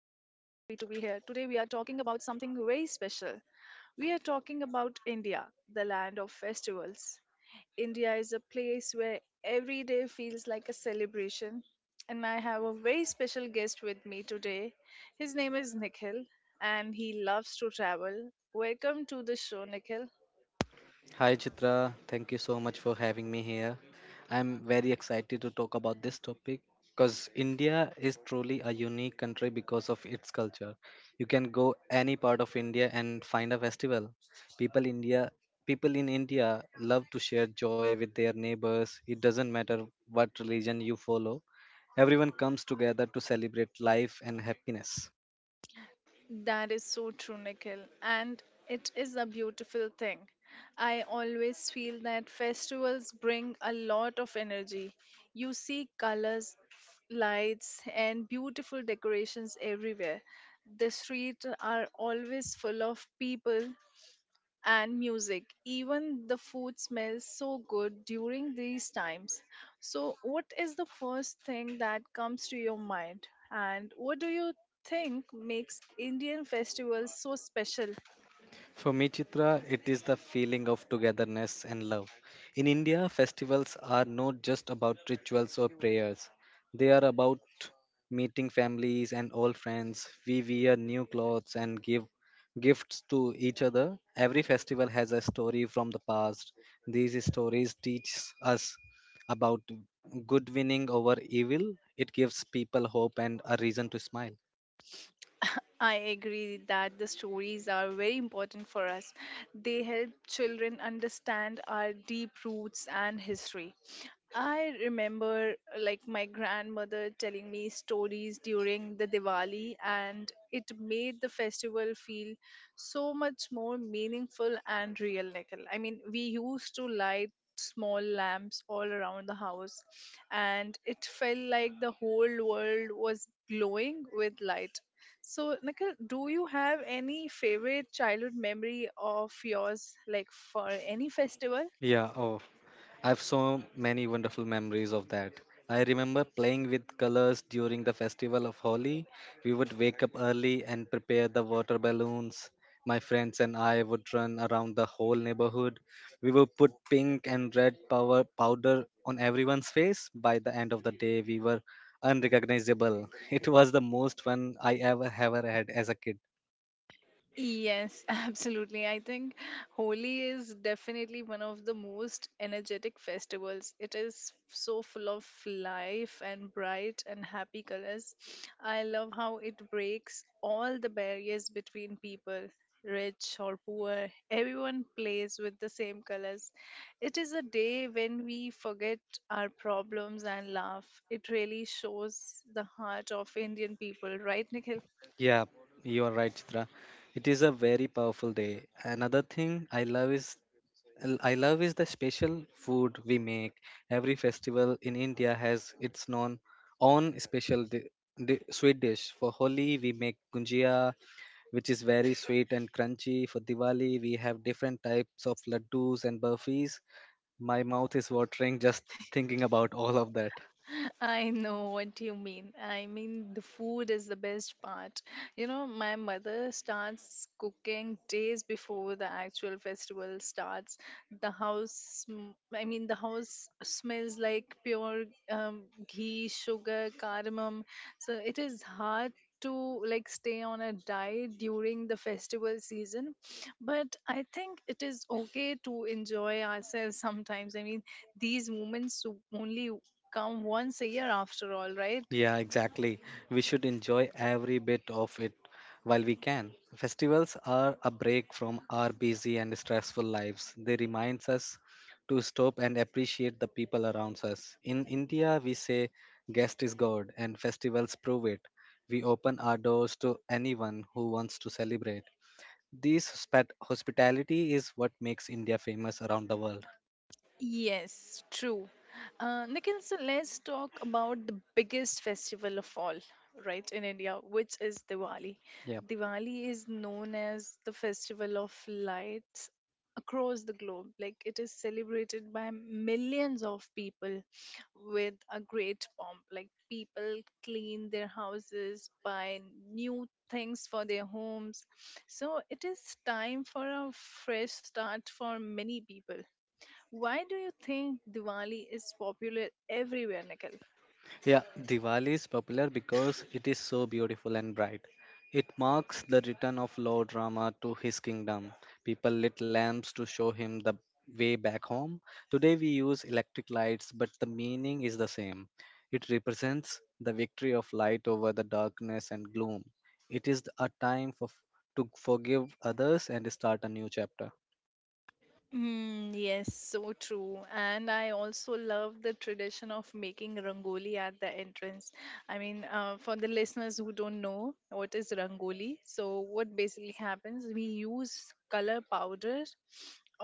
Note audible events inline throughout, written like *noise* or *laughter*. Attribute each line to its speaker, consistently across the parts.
Speaker 1: here. Today, we are talking about something very special. We are talking about India, the land of festivals. India is a place where every day feels like a celebration, and I have a very special guest with me today. His name is Nikhil, and he loves to travel. Welcome to the show, Nikhil.
Speaker 2: Hi Chitra, thank you so much for having me here. I'm very excited to talk about this topic because India is truly a unique country because of its culture. You can go any part of India and find a festival. People India people in India love to share joy with their neighbors. It doesn't matter what religion you follow. Everyone comes together to celebrate life and happiness.
Speaker 1: That is so true, Nikhil. And it is a beautiful thing. I always feel that festivals bring a lot of energy. You see colors, lights, and beautiful decorations everywhere. The streets are always full of people and music. Even the food smells so good during these times. So, what is the first thing that comes to your mind? And what do you think makes Indian festivals so special?
Speaker 2: For me, Chitra, it is the feeling of togetherness and love. In India, festivals are not just about rituals or prayers, they are about meeting families and old friends. We wear new clothes and give gifts to each other. Every festival has a story from the past. These stories teach us about good winning over evil, it gives people hope and a reason to smile.
Speaker 1: I agree that the stories are very important for us. They help children understand our deep roots and history. I remember like my grandmother telling me stories during the Diwali, and it made the festival feel so much more meaningful and real, Nikhil. I mean, we used to light small lamps all around the house, and it felt like the whole world was glowing with light. So, Nikhil, do you have any favorite childhood memory of yours, like for any festival?
Speaker 2: Yeah, oh, I have so many wonderful memories of that. I remember playing with colors during the festival of Holi. We would wake up early and prepare the water balloons. My friends and I would run around the whole neighborhood. We would put pink and red power powder on everyone's face. By the end of the day, we were unrecognizable. *laughs* It was the most fun I ever had as a kid.
Speaker 1: Yes, *laughs* absolutely. I think Holi is definitely one of the most energetic festivals. It is so full of life and bright and happy colors. I love how it breaks all the barriers between people, rich or poor. Everyone plays with the same colors. It is a day when we forget our problems and laugh. It really shows the heart of Indian people, right, Nikhil?
Speaker 2: Yeah, you are right, Chitra. It is a very powerful day. Another thing I love is the special food we make. Every festival in India has its known own special sweet dish. For Holi, we make gujia, which is very sweet and crunchy. For Diwali, we have different types of laddus and burfis. My mouth is watering just thinking about all of that.
Speaker 1: *laughs* I know what you mean. I mean, the food is the best part. You know, my mother starts cooking days before the actual festival starts. The house, sm- I mean, The house smells like pure ghee, sugar, cardamom. So it is hard to like stay on a diet during the festival season, but I think it is okay to enjoy ourselves sometimes. I mean, these moments only come once a year after all, right?
Speaker 2: Yeah, exactly. We should enjoy every bit of it while we can. Festivals are a break from our busy and stressful lives. They remind us to stop and appreciate the people around us. In India, we say guest is God, and festivals prove it. We open our doors to anyone who wants to celebrate. This hospitality is what makes India famous around the world.
Speaker 1: Yes, true. Nikhil, so let's talk about the biggest festival of all, right, in India, which is Diwali.
Speaker 2: Yeah.
Speaker 1: Diwali is known as the festival of lights across the globe. Like, it is celebrated by millions of people with a great pomp. Like, people clean their houses, buy new things for their homes. So it is time for a fresh start for many people. Why do you think Diwali is popular everywhere, Nikhil?
Speaker 2: Yeah, Diwali is popular because it is so beautiful and bright. It marks the return of Lord Rama to his kingdom. People lit lamps to show him the way back home. Today we use electric lights, but the meaning is the same. It represents the victory of light over the darkness and gloom. It is a to forgive others and start a new chapter.
Speaker 1: Mm, yes, so true. And I also love the tradition of making rangoli at the entrance. I mean, for the listeners who don't know what is rangoli, so what basically happens, we use color powder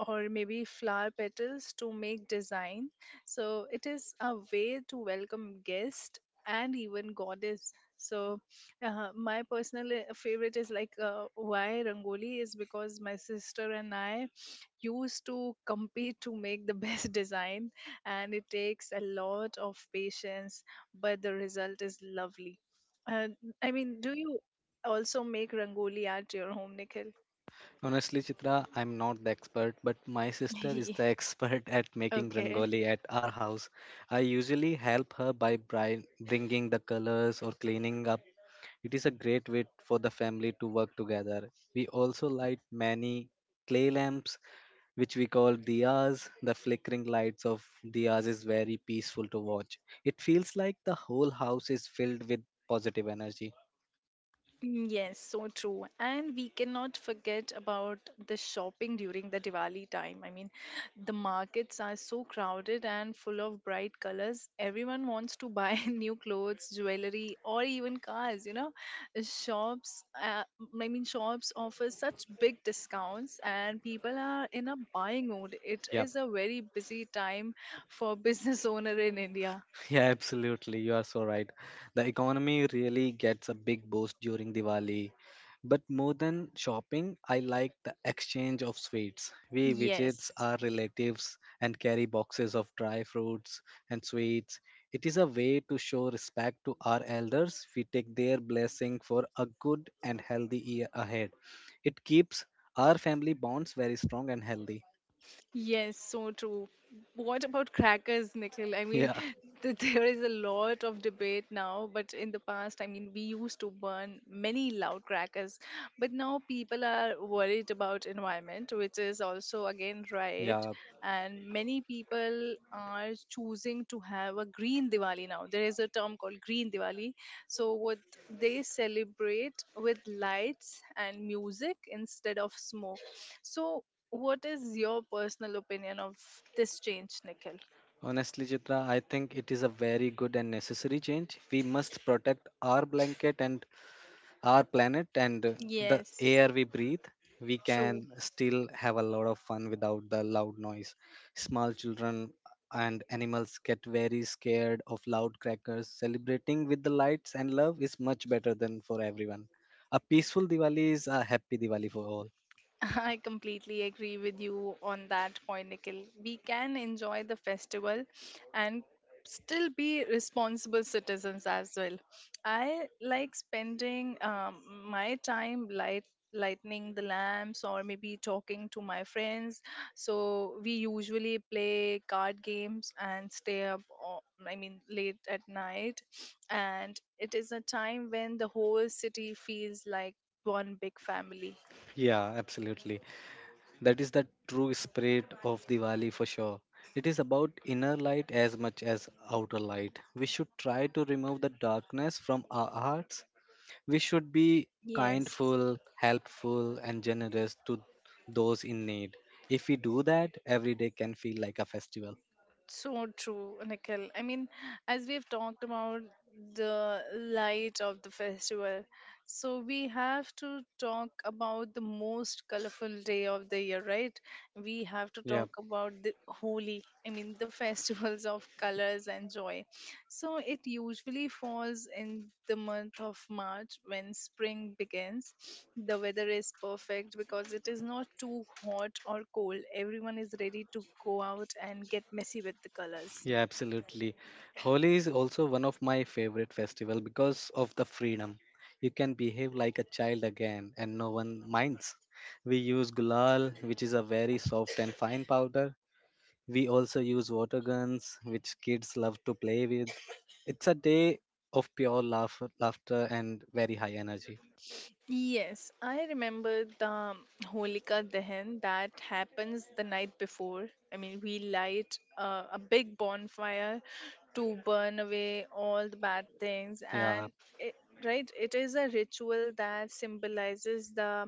Speaker 1: or maybe flower petals to make design. So it is a way to welcome guest and even goddess. So my personal favorite is like why rangoli is because my sister and I used to compete to make the best *laughs* design, and it takes a lot of patience but the result is lovely. uh, I mean, do you also make rangoli at your home, Nikhil?
Speaker 2: Honestly, Chitra, I'm not the expert, but my sister is the
Speaker 1: *laughs*
Speaker 2: expert *laughs* at making
Speaker 1: Okay.
Speaker 2: rangoli at our house. I usually help her by bringing the colors or cleaning up. It is a great way for the family to work together. We also light many clay lamps, which we call diyas. The flickering lights of diyas is very peaceful to watch. It feels like the whole house is filled with positive energy.
Speaker 1: Mm, yes, so true. And we cannot forget about the shopping during the Diwali time. I mean, the markets are so crowded and full of bright colors. Everyone wants to buy *laughs* new clothes, jewelry, or even cars, you know. Shops, uh, Shops offer such big discounts, and people are in a buying mood. It
Speaker 2: Yeah.
Speaker 1: is a very busy time for *laughs* business owner in India.
Speaker 2: *laughs* Yeah, absolutely. You are so right. The economy really gets a big boost during Diwali. But more than shopping, I like the exchange of sweets. We visits
Speaker 1: Yes.
Speaker 2: our relatives and carry boxes of dry fruits and sweets. It is a way to show respect to our elders. We take their blessing for a good and healthy year ahead. It keeps our family bonds very strong and healthy. *laughs*
Speaker 1: Yes, so true. What about crackers, Nikhil? I mean,
Speaker 2: Yeah,
Speaker 1: *laughs* there is a lot of debate now, but in the past, I mean, we used to burn many loud crackers, but now people are worried about environment, which is also again right.
Speaker 2: yeah,
Speaker 1: And many people are choosing to have a green Diwali now. There is a term called green Diwali. So what they celebrate with lights and music instead of smoke. So what is your personal opinion of this change, Nikhil?
Speaker 2: honestly, Chitra, I think it is a very good and necessary change. We must protect our blanket and our planet and the
Speaker 1: Yes,
Speaker 2: air we breathe. We
Speaker 1: true.
Speaker 2: can still have a lot of fun without the loud noise. Small children and animals get very scared of loud crackers. Celebrating with the lights and love is much better than for everyone. A peaceful Diwali is a happy Diwali for all.
Speaker 1: *laughs* I completely agree with you on that point, Nikhil. We can enjoy the festival and still be responsible citizens as well. I like spending my time lightening the lamps or maybe talking to my friends. So we usually play card games and stay up I mean late at night, and it is a time when the whole city feels like one big family.
Speaker 2: Yeah, absolutely. That is the true spirit of Diwali for sure. It is about inner light as much as outer light. We should try to remove the darkness from our hearts. We should be
Speaker 1: Yes.
Speaker 2: kindful, helpful, and generous to those in need. If we do that, every day can feel like a festival.
Speaker 1: So true, Nikhil. I mean, as we've talked about the light of the festival, so we have to talk about the most colorful day of the year, right? We have to
Speaker 2: Yeah,
Speaker 1: talk about the Holi. I mean, the festivals of colors and joy. So it usually falls in the month of March when spring begins. The weather is perfect because it is not too hot or cold. Everyone is ready to go out and get messy with the colors.
Speaker 2: yeah, absolutely. Holi is also one of my favorite festival because of the freedom. You can behave like a child again and no one minds. We use gulal, which is a very soft and fine powder. We also use water guns, which kids love to play with. It's a day of pure laughter and very high energy.
Speaker 1: Yes, I remember the Holika Dahan that happens the night before. I mean, we light a big bonfire to burn away all the bad things,
Speaker 2: Yeah,
Speaker 1: it, right, it is a ritual that symbolizes the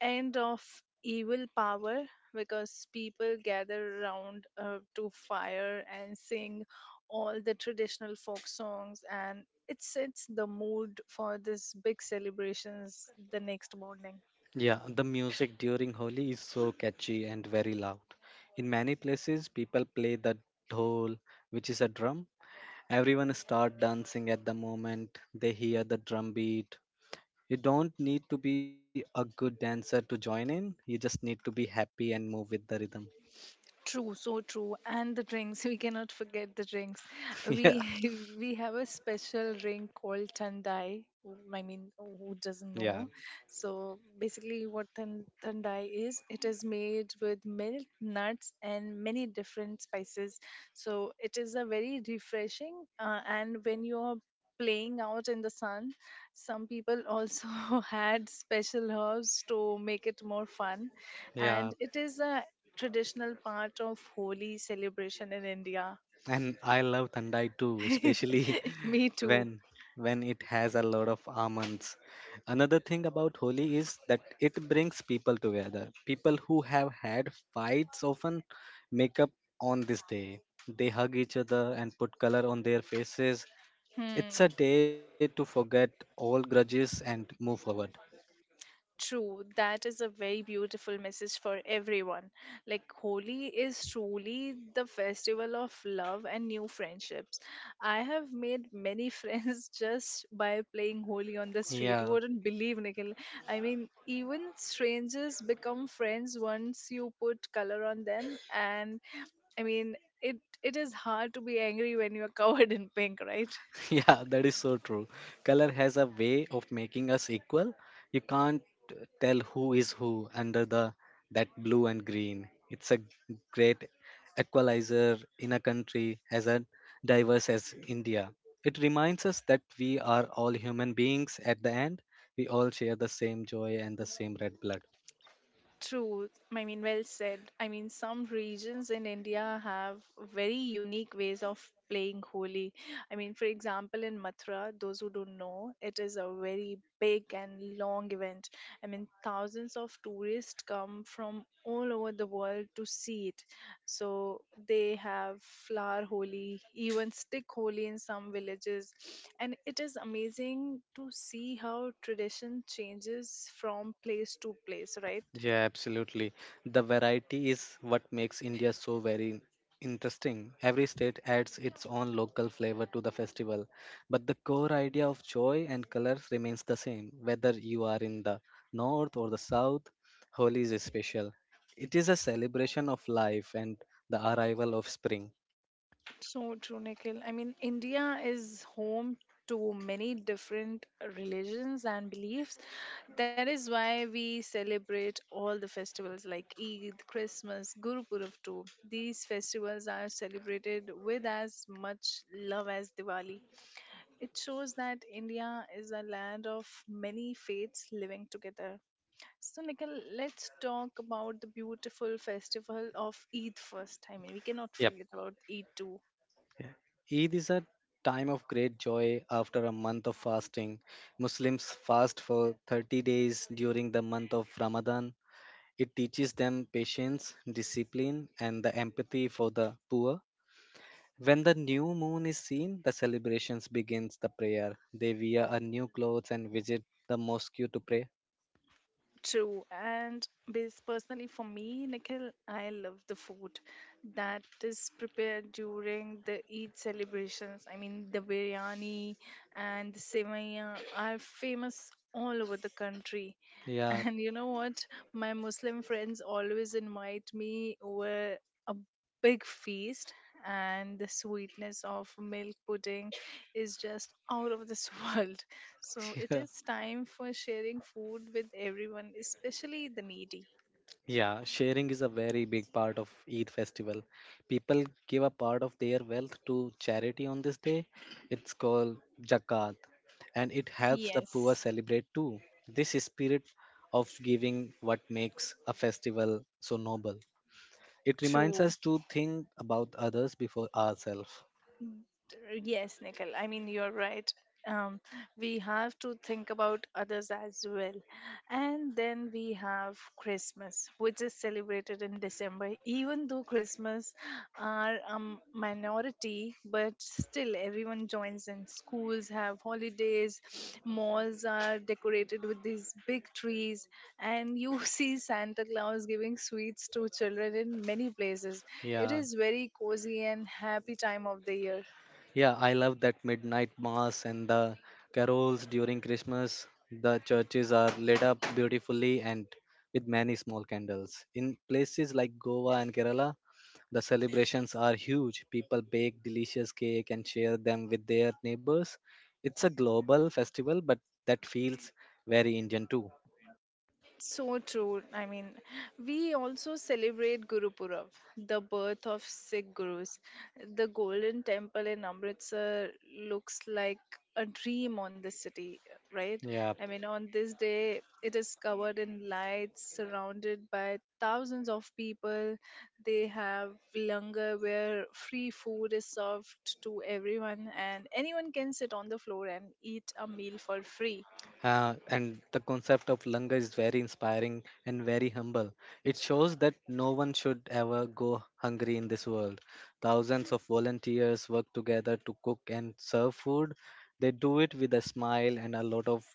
Speaker 1: end of evil power because people gather around to fire and sing all the traditional folk songs, and it sets the mood for this big celebrations the next morning.
Speaker 2: yeah. The music during Holi is so catchy and very loud. In many places, people play the dhol, which is a drum. Everyone start dancing at the moment they hear the drum beat. You don't need to be a good dancer to join in. You just need to be happy and move with the rhythm.
Speaker 1: True, so true. And the drinks, *laughs* we cannot forget the drinks.
Speaker 2: *laughs* Yeah,
Speaker 1: We *laughs* we have a special drink called Thandai. I mean, who doesn't know?
Speaker 2: yeah,
Speaker 1: So basically, what Thandai is, it is made with milk, nuts, and many different spices. So it is a very refreshing. And when you're playing out in the sun, some people also *laughs* had special herbs to make it more fun, and
Speaker 2: yeah.
Speaker 1: it is a traditional part of Holi celebration in India.
Speaker 2: And I love Thandai too, especially
Speaker 1: *laughs* Me
Speaker 2: *laughs*
Speaker 1: too.
Speaker 2: when when it has a lot of almonds. Another thing about Holi is that it brings people together. People who have had fights often make up on this day. They hug each other and put color on their faces.
Speaker 1: Hmm.
Speaker 2: It's a day to forget all grudges and move forward.
Speaker 1: True, that is a very beautiful message for everyone. Like, Holi is truly the festival of love and new friendships. I have made many *laughs* friends just by playing Holi on the street. You
Speaker 2: Yeah,
Speaker 1: wouldn't believe, Nikhil. I mean, even strangers become friends once you put color on them. And I mean, it, it is hard to be angry when you are *laughs* covered in pink, right?
Speaker 2: *laughs* yeah, that is so true. Color has a way of making us equal. You can't tell who is who under the that blue and green. It's a great equalizer in a country as a diverse as India. It reminds us that we are all human beings at the end. We all share the same joy and the same red blood.
Speaker 1: True. I mean, well said. I mean, some regions in India have very unique ways of playing Holi. I mean, for example, in Mathura, those who don't know, it is a very big and long event. I mean, thousands of tourists come from all over the world to see it. So they have flower Holi, even stick Holi in some villages. And it is amazing to see how tradition changes from place to place, right?
Speaker 2: Yeah, absolutely. The variety is what makes India so very interesting. Every state adds its own local flavor to the festival, but the core idea of joy and colors remains the same. Whether you are in the north or the south, Holi is special. It is a celebration of life and the arrival of spring.
Speaker 1: So true, Nikhil. I mean, India is home to many different religions and beliefs. That is why we celebrate all the festivals like Eid, Christmas, Guru Purab too. These festivals are celebrated with as much love as Diwali. It shows that India is a land of many faiths living together. So, Nikhil, let's talk about the beautiful festival of Eid first. I mean, we cannot
Speaker 2: Yep.
Speaker 1: forget about Eid too.
Speaker 2: Eid is a time of great joy after a month of fasting. Muslims fast for 30 days during the month of Ramadan. It teaches them patience, discipline, and the empathy for the poor. When the new moon is seen, the celebrations begins the prayer. They wear a new clothes and visit the mosque to pray.
Speaker 1: True, and bas personally for me, Nikhil, I love the food that is prepared during the Eid celebrations. I mean, the biryani and the sevaiya are famous all over the country. *laughs*
Speaker 2: Yeah.
Speaker 1: And you know what? My Muslim friends always invite me over a big feast, and the sweetness of milk pudding is just out of this *laughs* world. So
Speaker 2: *laughs*
Speaker 1: it
Speaker 2: Yeah.
Speaker 1: is time for sharing food with everyone, especially the needy.
Speaker 2: Yeah, sharing is a very big part of Eid festival. People give a part of their wealth to charity on this day. It's called zakat and it helps the poor
Speaker 1: Yes,
Speaker 2: celebrate too. This spirit of giving what makes a festival so noble. It reminds
Speaker 1: true.
Speaker 2: us to think about others before ourselves.
Speaker 1: Yes, Nikhil. I mean, you're right. Um, we have to think about others as well. And then we have Christmas, which is celebrated in December. Even though Christmas are a minority, but still everyone joins in. Schools have holidays, *sniffs* malls are decorated with these big trees, and you *laughs* see Santa Claus giving sweets to children in many places. It
Speaker 2: Yeah,
Speaker 1: is very cozy and happy time of the year.
Speaker 2: yeah, I love that midnight mass and the carols during Christmas. The churches are lit up beautifully and with many small candles. In places like Goa and Kerala, the celebrations are huge. People bake delicious cake and share them with their neighbors. It's a global festival, but that feels very Indian too.
Speaker 1: So true. I mean, we also celebrate Guru Purab, the birth of Sikh gurus. The golden temple in Amritsar looks like a dream on the city, right?
Speaker 2: Yeah.
Speaker 1: I mean, on this day, it is covered in lights, surrounded by thousands of people. They have langar where free food is served to everyone, and anyone can sit on the floor and eat a meal for free.
Speaker 2: And the concept of Langa is very inspiring and very humble. It shows that no one should ever go hungry in this world. Thousands of volunteers work together to cook and serve food. They do it with a smile and a lot of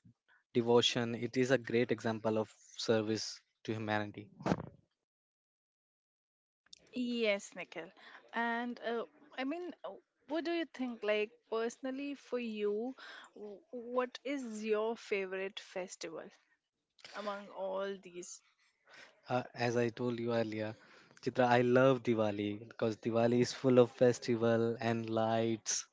Speaker 2: devotion. It is a great example of service to humanity.
Speaker 1: Yes, Nikhil. And uh, I mean, uh, what do you think? Like, personally, for you, what is your favorite festival among all these?
Speaker 2: As I told you earlier, Chitra, I love Diwali because Diwali is full of festival and lights.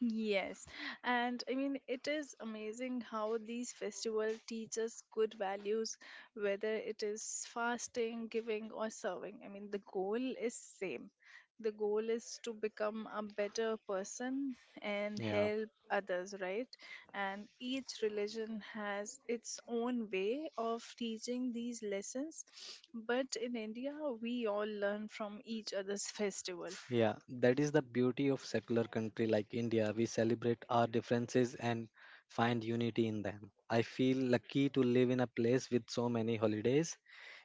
Speaker 1: Yes, and I mean, it is amazing how these festivals teach us good values, whether it is fasting, giving, or serving. I mean, the goal is same. The goal is to become a better person and
Speaker 2: Yeah.
Speaker 1: help others, right? And each religion has its own way of teaching these lessons. But in India, we all learn from each other's festival.
Speaker 2: Yeah, that is the beauty of secular country like India. We celebrate our differences and find unity in them. I feel lucky to live in a place with so many holidays.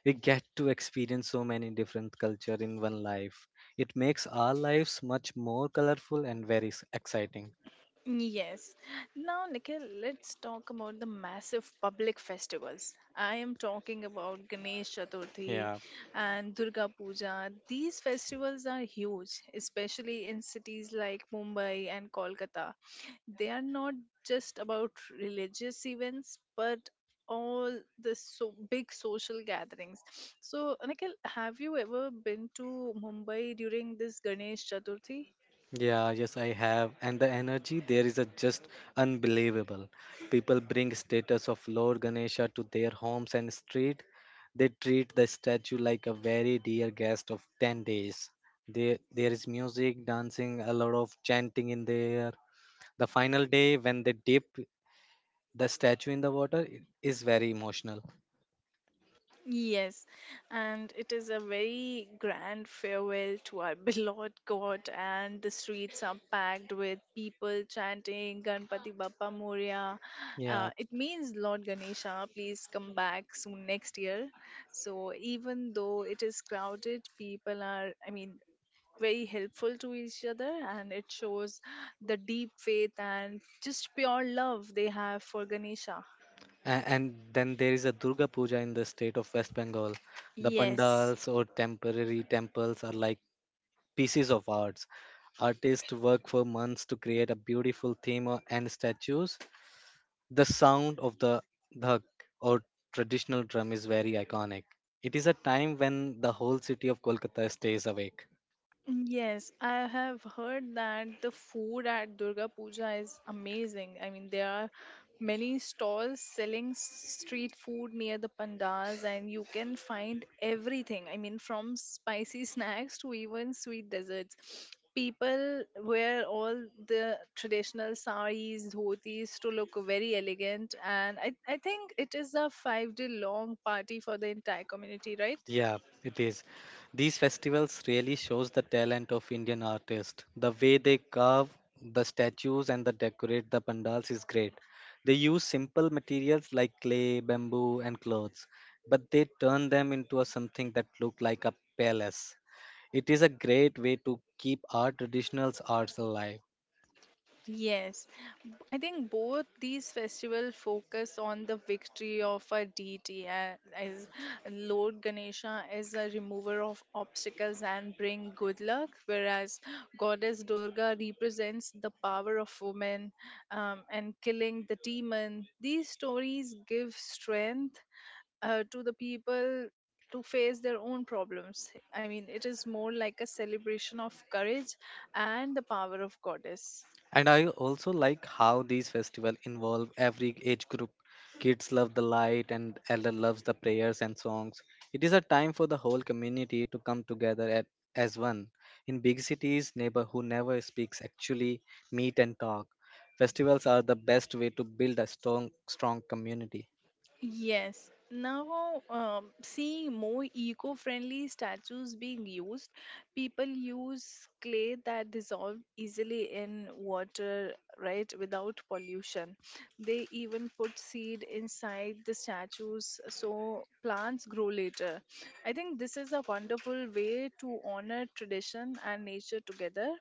Speaker 2: We get to experience so many different culture in one life. It makes our lives much more colorful and very exciting.
Speaker 1: Yes. Now, Nikhil, let's talk about the massive public festivals. I am talking about Ganesh Chaturthi
Speaker 2: Yeah.
Speaker 1: and Durga Puja. These festivals are huge, especially in cities like Mumbai and Kolkata. They are not just about religious events, but all the so big social gatherings. So, Nikhil, have you ever been to Mumbai during this Ganesh Chaturthi?
Speaker 2: Yeah, yes, I have. And the energy there is a just unbelievable. People bring status of Lord Ganesha to their homes and street. They treat the statue like a very dear guest of 10 days. There is music, dancing, a lot of chanting in there. The final day, when they dip the statue in the water, it is very emotional.
Speaker 1: Yes, and it is a very grand farewell to our *laughs* beloved God, and the streets are packed with people chanting Ganpati Bappa Moria. Uh,
Speaker 2: Yeah.
Speaker 1: it means Lord Ganesha, please come back soon next year. So, even though it is crowded, people are, I mean, very helpful to each other, and it shows the deep faith and just pure love they have for Ganesha.
Speaker 2: A- And then there is a Durga Puja in the state of West Bengal. The
Speaker 1: Yes.
Speaker 2: pandals or temporary temples are like pieces of arts. Artists work for months to create a beautiful theme or- and statues. The sound of the dhak or traditional drum is very iconic. It is a time when the whole city of Kolkata stays awake.
Speaker 1: Yes, I have heard that the food at Durga Puja is amazing. I mean, there are many stalls selling street food near the pandals, and you can find everything. I mean, from spicy *laughs* snacks to even sweet desserts. People wear all the traditional saris, dhotis to look very elegant, and I think it is a 5 day long party for the entire community, right?
Speaker 2: Yeah, it is. These festivals really shows the talent of Indian artists. The way they carve the statues and the decorate the pandals is great. They use simple materials like clay, bamboo, and clothes, but they turn them into a something that look like a palace. It is a great way to keep our traditional arts alive.
Speaker 1: Yes. I think both these festivals focus on the victory of a deity as Lord Ganesha is a remover of obstacles and bring good luck, whereas Goddess Durga represents the power of women and killing the demon. These stories give strength to the people to face their own problems. I mean, it is more like a celebration of courage and the power of Goddess.
Speaker 2: And I also like how these festivals involve every age group. Kids love the light and elder loves the prayers and songs. It is a time for the whole community to come together as one. In big cities, neighbor who never speaks actually meet and talk. Festivals are the best way to build a strong community.
Speaker 1: Yes. Now, seeing more eco friendly statues being used, people use clay that dissolve easily in water, right, without pollution. They even put seed inside the statues so plants grow later. I think this is a wonderful way to honor tradition and nature together,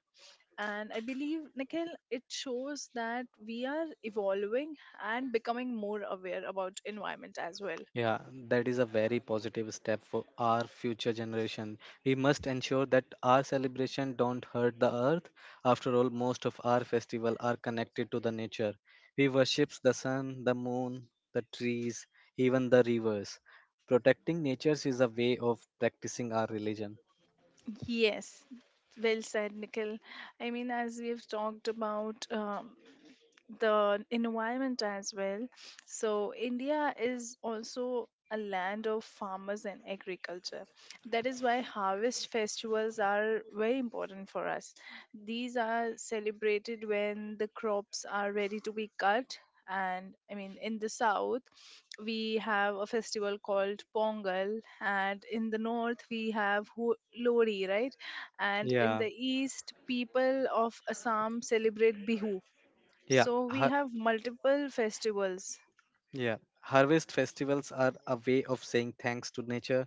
Speaker 1: and I believe, Nikhil, it shows that we are evolving and becoming more aware about environment as well.
Speaker 2: Yeah, that is a very positive step for our future generation. We must ensure that our celebration don't hurt the earth. After all, most of our festival are connected to the nature. We worship the sun, the moon, the trees, even the rivers. Protecting nature is a way of practicing our religion.
Speaker 1: Yes, well said, Nikhil. I mean, as we've talked about, the environment as well. So, India is also a land of farmers and agriculture. That is why harvest festivals are very important for us. These are celebrated when the crops are ready to be cut. And I mean, in the south, we have a festival called Pongal, and in the north, we have Lori, right? And in
Speaker 2: Yeah,
Speaker 1: the east, people of Assam celebrate Bihu,
Speaker 2: yeah.
Speaker 1: so we have multiple festivals.
Speaker 2: Yeah, harvest festivals are a way of saying thanks to nature.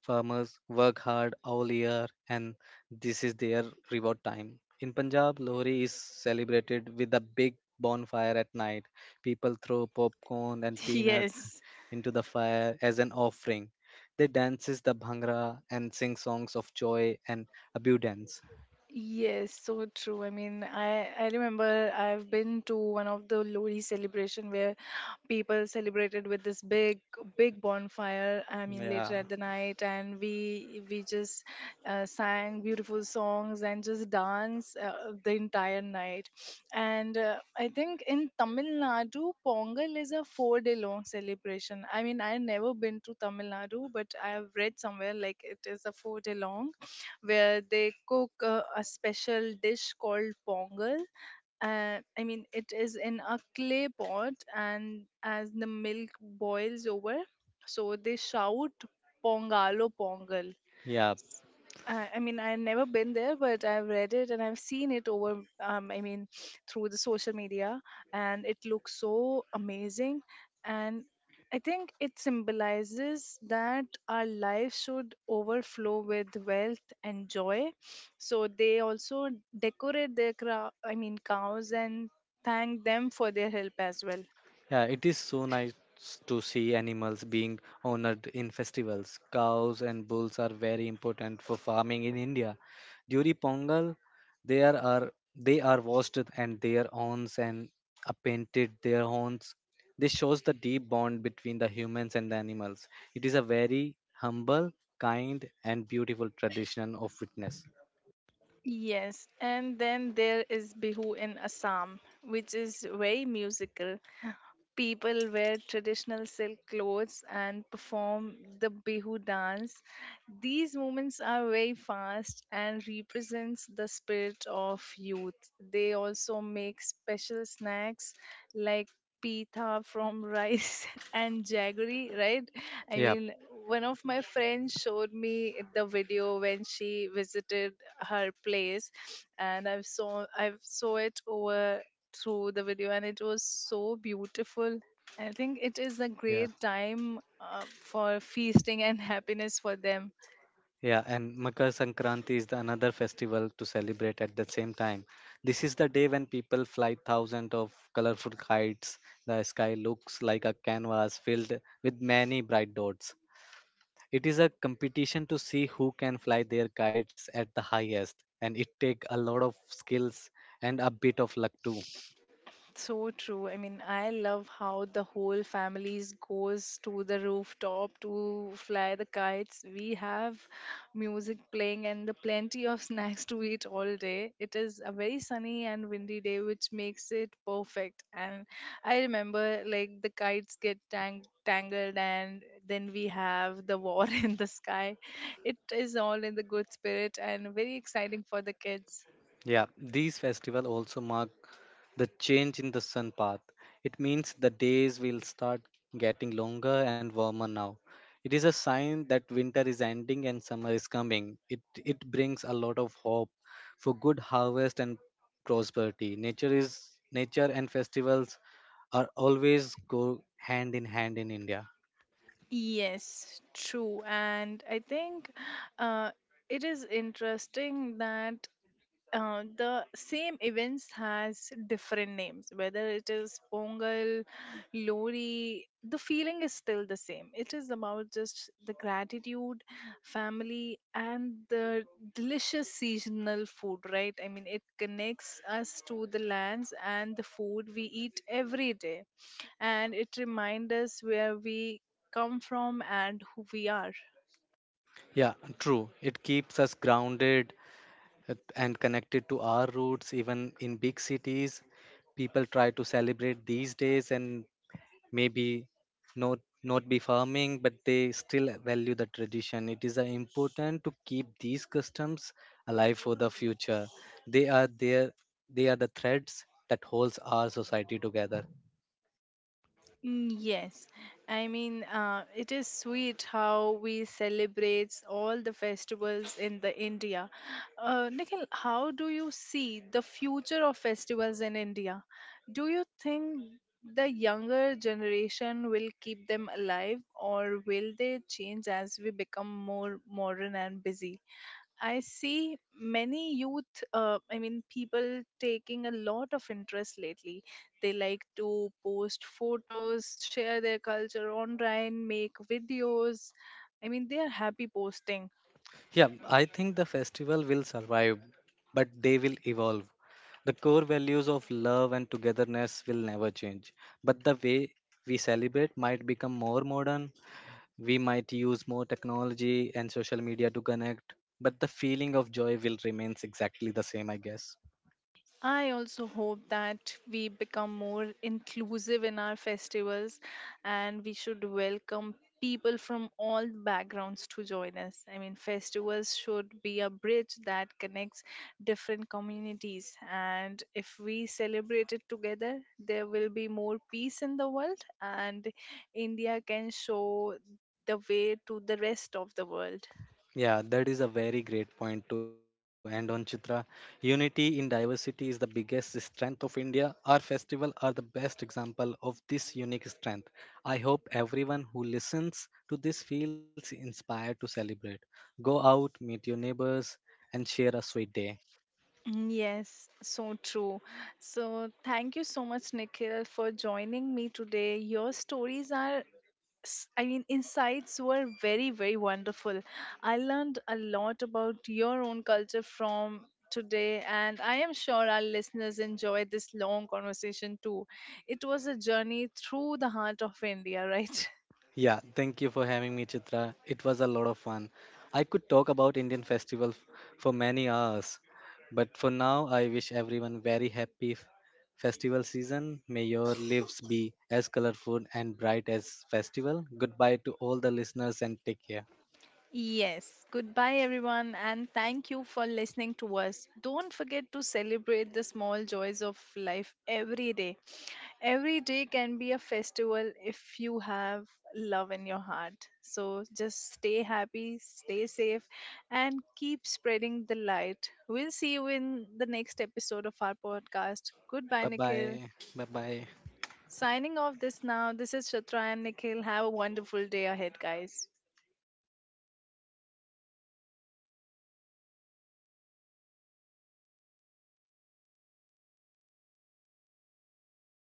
Speaker 2: Farmers work hard all year and this is their reward time. In Punjab, Lohri is celebrated with a big bonfire at night. People throw popcorn and
Speaker 1: *laughs*
Speaker 2: peanuts
Speaker 1: Yes,
Speaker 2: into the fire as an offering. They dances the bhangra and sing songs of joy and abundance.
Speaker 1: yes, so true. I mean, I remember I've been to one of the Lodi celebration where people celebrated with this big bonfire. I mean, later
Speaker 2: Yeah,
Speaker 1: at the night, and we just sang beautiful songs and just dance the entire night. And I think in Tamil Nadu, Pongal is a 4 day long celebration. I mean, I've never been to Tamil Nadu, but I've read somewhere like it is a 4 day long where they cook a special dish called pongal, I mean, it is in a clay pot, and as the milk boils over, so they shout "Pongalo Pongal,"
Speaker 2: yeah.
Speaker 1: I mean, I've never been there, but I've read it and I've seen it over, I mean, through the social media, and it looks so amazing. And I think it symbolizes that our life should overflow with wealth and joy. So they also decorate their crow, I mean, cows and thank them for their help as well.
Speaker 2: Yeah, it is so nice to see animals being honored in festivals. Cows and bulls are very important for farming in India. During Pongal, they are they are washed and their horns and are painted their horns. This shows the deep bond between the humans and the animals. It is a very humble, kind, and beautiful tradition of witness.
Speaker 1: Yes, and then there is Bihu in Assam, which is very musical. People wear traditional silk clothes and perform the Bihu dance. These movements are very fast and represents the spirit of youth. They also make special snacks like pita from rice *laughs* and jaggery, right? I
Speaker 2: Yeah,
Speaker 1: mean, one of my friends showed me the video when she visited her place, and I've saw it over through the video and it was so beautiful. I think it is a
Speaker 2: yeah.
Speaker 1: great time for feasting and *laughs* happiness for them.
Speaker 2: Yeah, and Makar Sankranti is the another festival to celebrate at the same time. This is the day when people fly thousands of colorful kites. The sky looks like a canvas filled with many bright dots. It is a competition to see who can fly their kites at the highest, and it takes a lot of skills and a bit of luck too.
Speaker 1: So true. I mean, I love how the whole families goes to the rooftop to fly the kites. We have music playing and the plenty of *laughs* snacks to eat all day. It is a very sunny and windy day, which makes it perfect. And I remember like the kites get tangled, and then we have the war *laughs* in the sky. It is all in the good spirit and very exciting for the kids.
Speaker 2: Yeah, these festivals also mark the change in the sun path. It means the days will start getting longer and warmer now. It is a sign that winter is ending and summer is coming. It brings a lot of hope for good harvest and prosperity. Nature is nature and festivals are always go hand in hand in India.
Speaker 1: Yes, true. And I think, uh, it is interesting that, the same events has different names. Whether it is Pongal, Lori, the feeling is still the same. It is about just the gratitude, family, and the delicious seasonal food, right? I mean, it connects us to the lands and the food we eat every day, and it reminds us where we come from and who we are.
Speaker 2: Yeah, true. It keeps us grounded and connected to our roots even in big cities people try to celebrate these days and maybe not not be farming but they still value the tradition. It is important to keep these customs alive for the future. They are there they are the threads that holds our society together.
Speaker 1: Mm, yes, I mean, it is sweet how we celebrate all the festivals in the India. Nikhil, how do you see the future of festivals in India? Do you think the younger generation will keep them alive, or will they change as we become more modern and busy? I see many youth, I mean, people taking a lot of interest lately. They like to post photos, share their culture online, make videos. I mean, they are happy posting.
Speaker 2: Yeah, I think the festival will survive but they will evolve. The core values of love and togetherness will never change, but the way we celebrate might become more modern. We might use more technology and social media to connect, but the feeling of joy will remains exactly the same, I guess.
Speaker 1: I also hope that we become more inclusive in our festivals, and we should welcome people from all backgrounds to join us. I mean, festivals should be a bridge that connects different communities. And if we celebrate it together, there will be more peace in the world, and India can show the way to the rest of the world.
Speaker 2: Yeah, that is a very great point to end on, Chitra. Unity in diversity is the biggest strength of India. Our festival are the best example of this unique strength. I hope everyone who listens to this feels inspired to celebrate. Go out, meet your neighbors, and share a sweet day.
Speaker 1: Mm, yes, so true. So, thank you so much, Nikhil, for joining me today. Your stories are, I mean, insights were very, very wonderful. I learned a lot about your own culture from today, and I am sure our listeners enjoyed this long conversation too. It was a journey through the heart of India, *laughs* right?
Speaker 2: Yeah, thank you for having me, Chitra. It was a lot of fun. I could talk about Indian festival for many hours, but for now, I wish everyone very happy festival season. May your lives be as colorful and bright as festival. Goodbye to all the listeners and take care.
Speaker 1: Yes, goodbye everyone, and thank you for listening to us. Don't forget to celebrate the small joys of life every day. Every day can be a festival if you have love in your heart. So just stay happy, stay safe, and keep spreading the light. We'll see you in the next episode of our podcast. Goodbye,
Speaker 2: Bye
Speaker 1: Nikhil.
Speaker 2: bye. Bye bye.
Speaker 1: Signing off this now. This is Shatra and Nikhil. Have a wonderful day ahead, guys.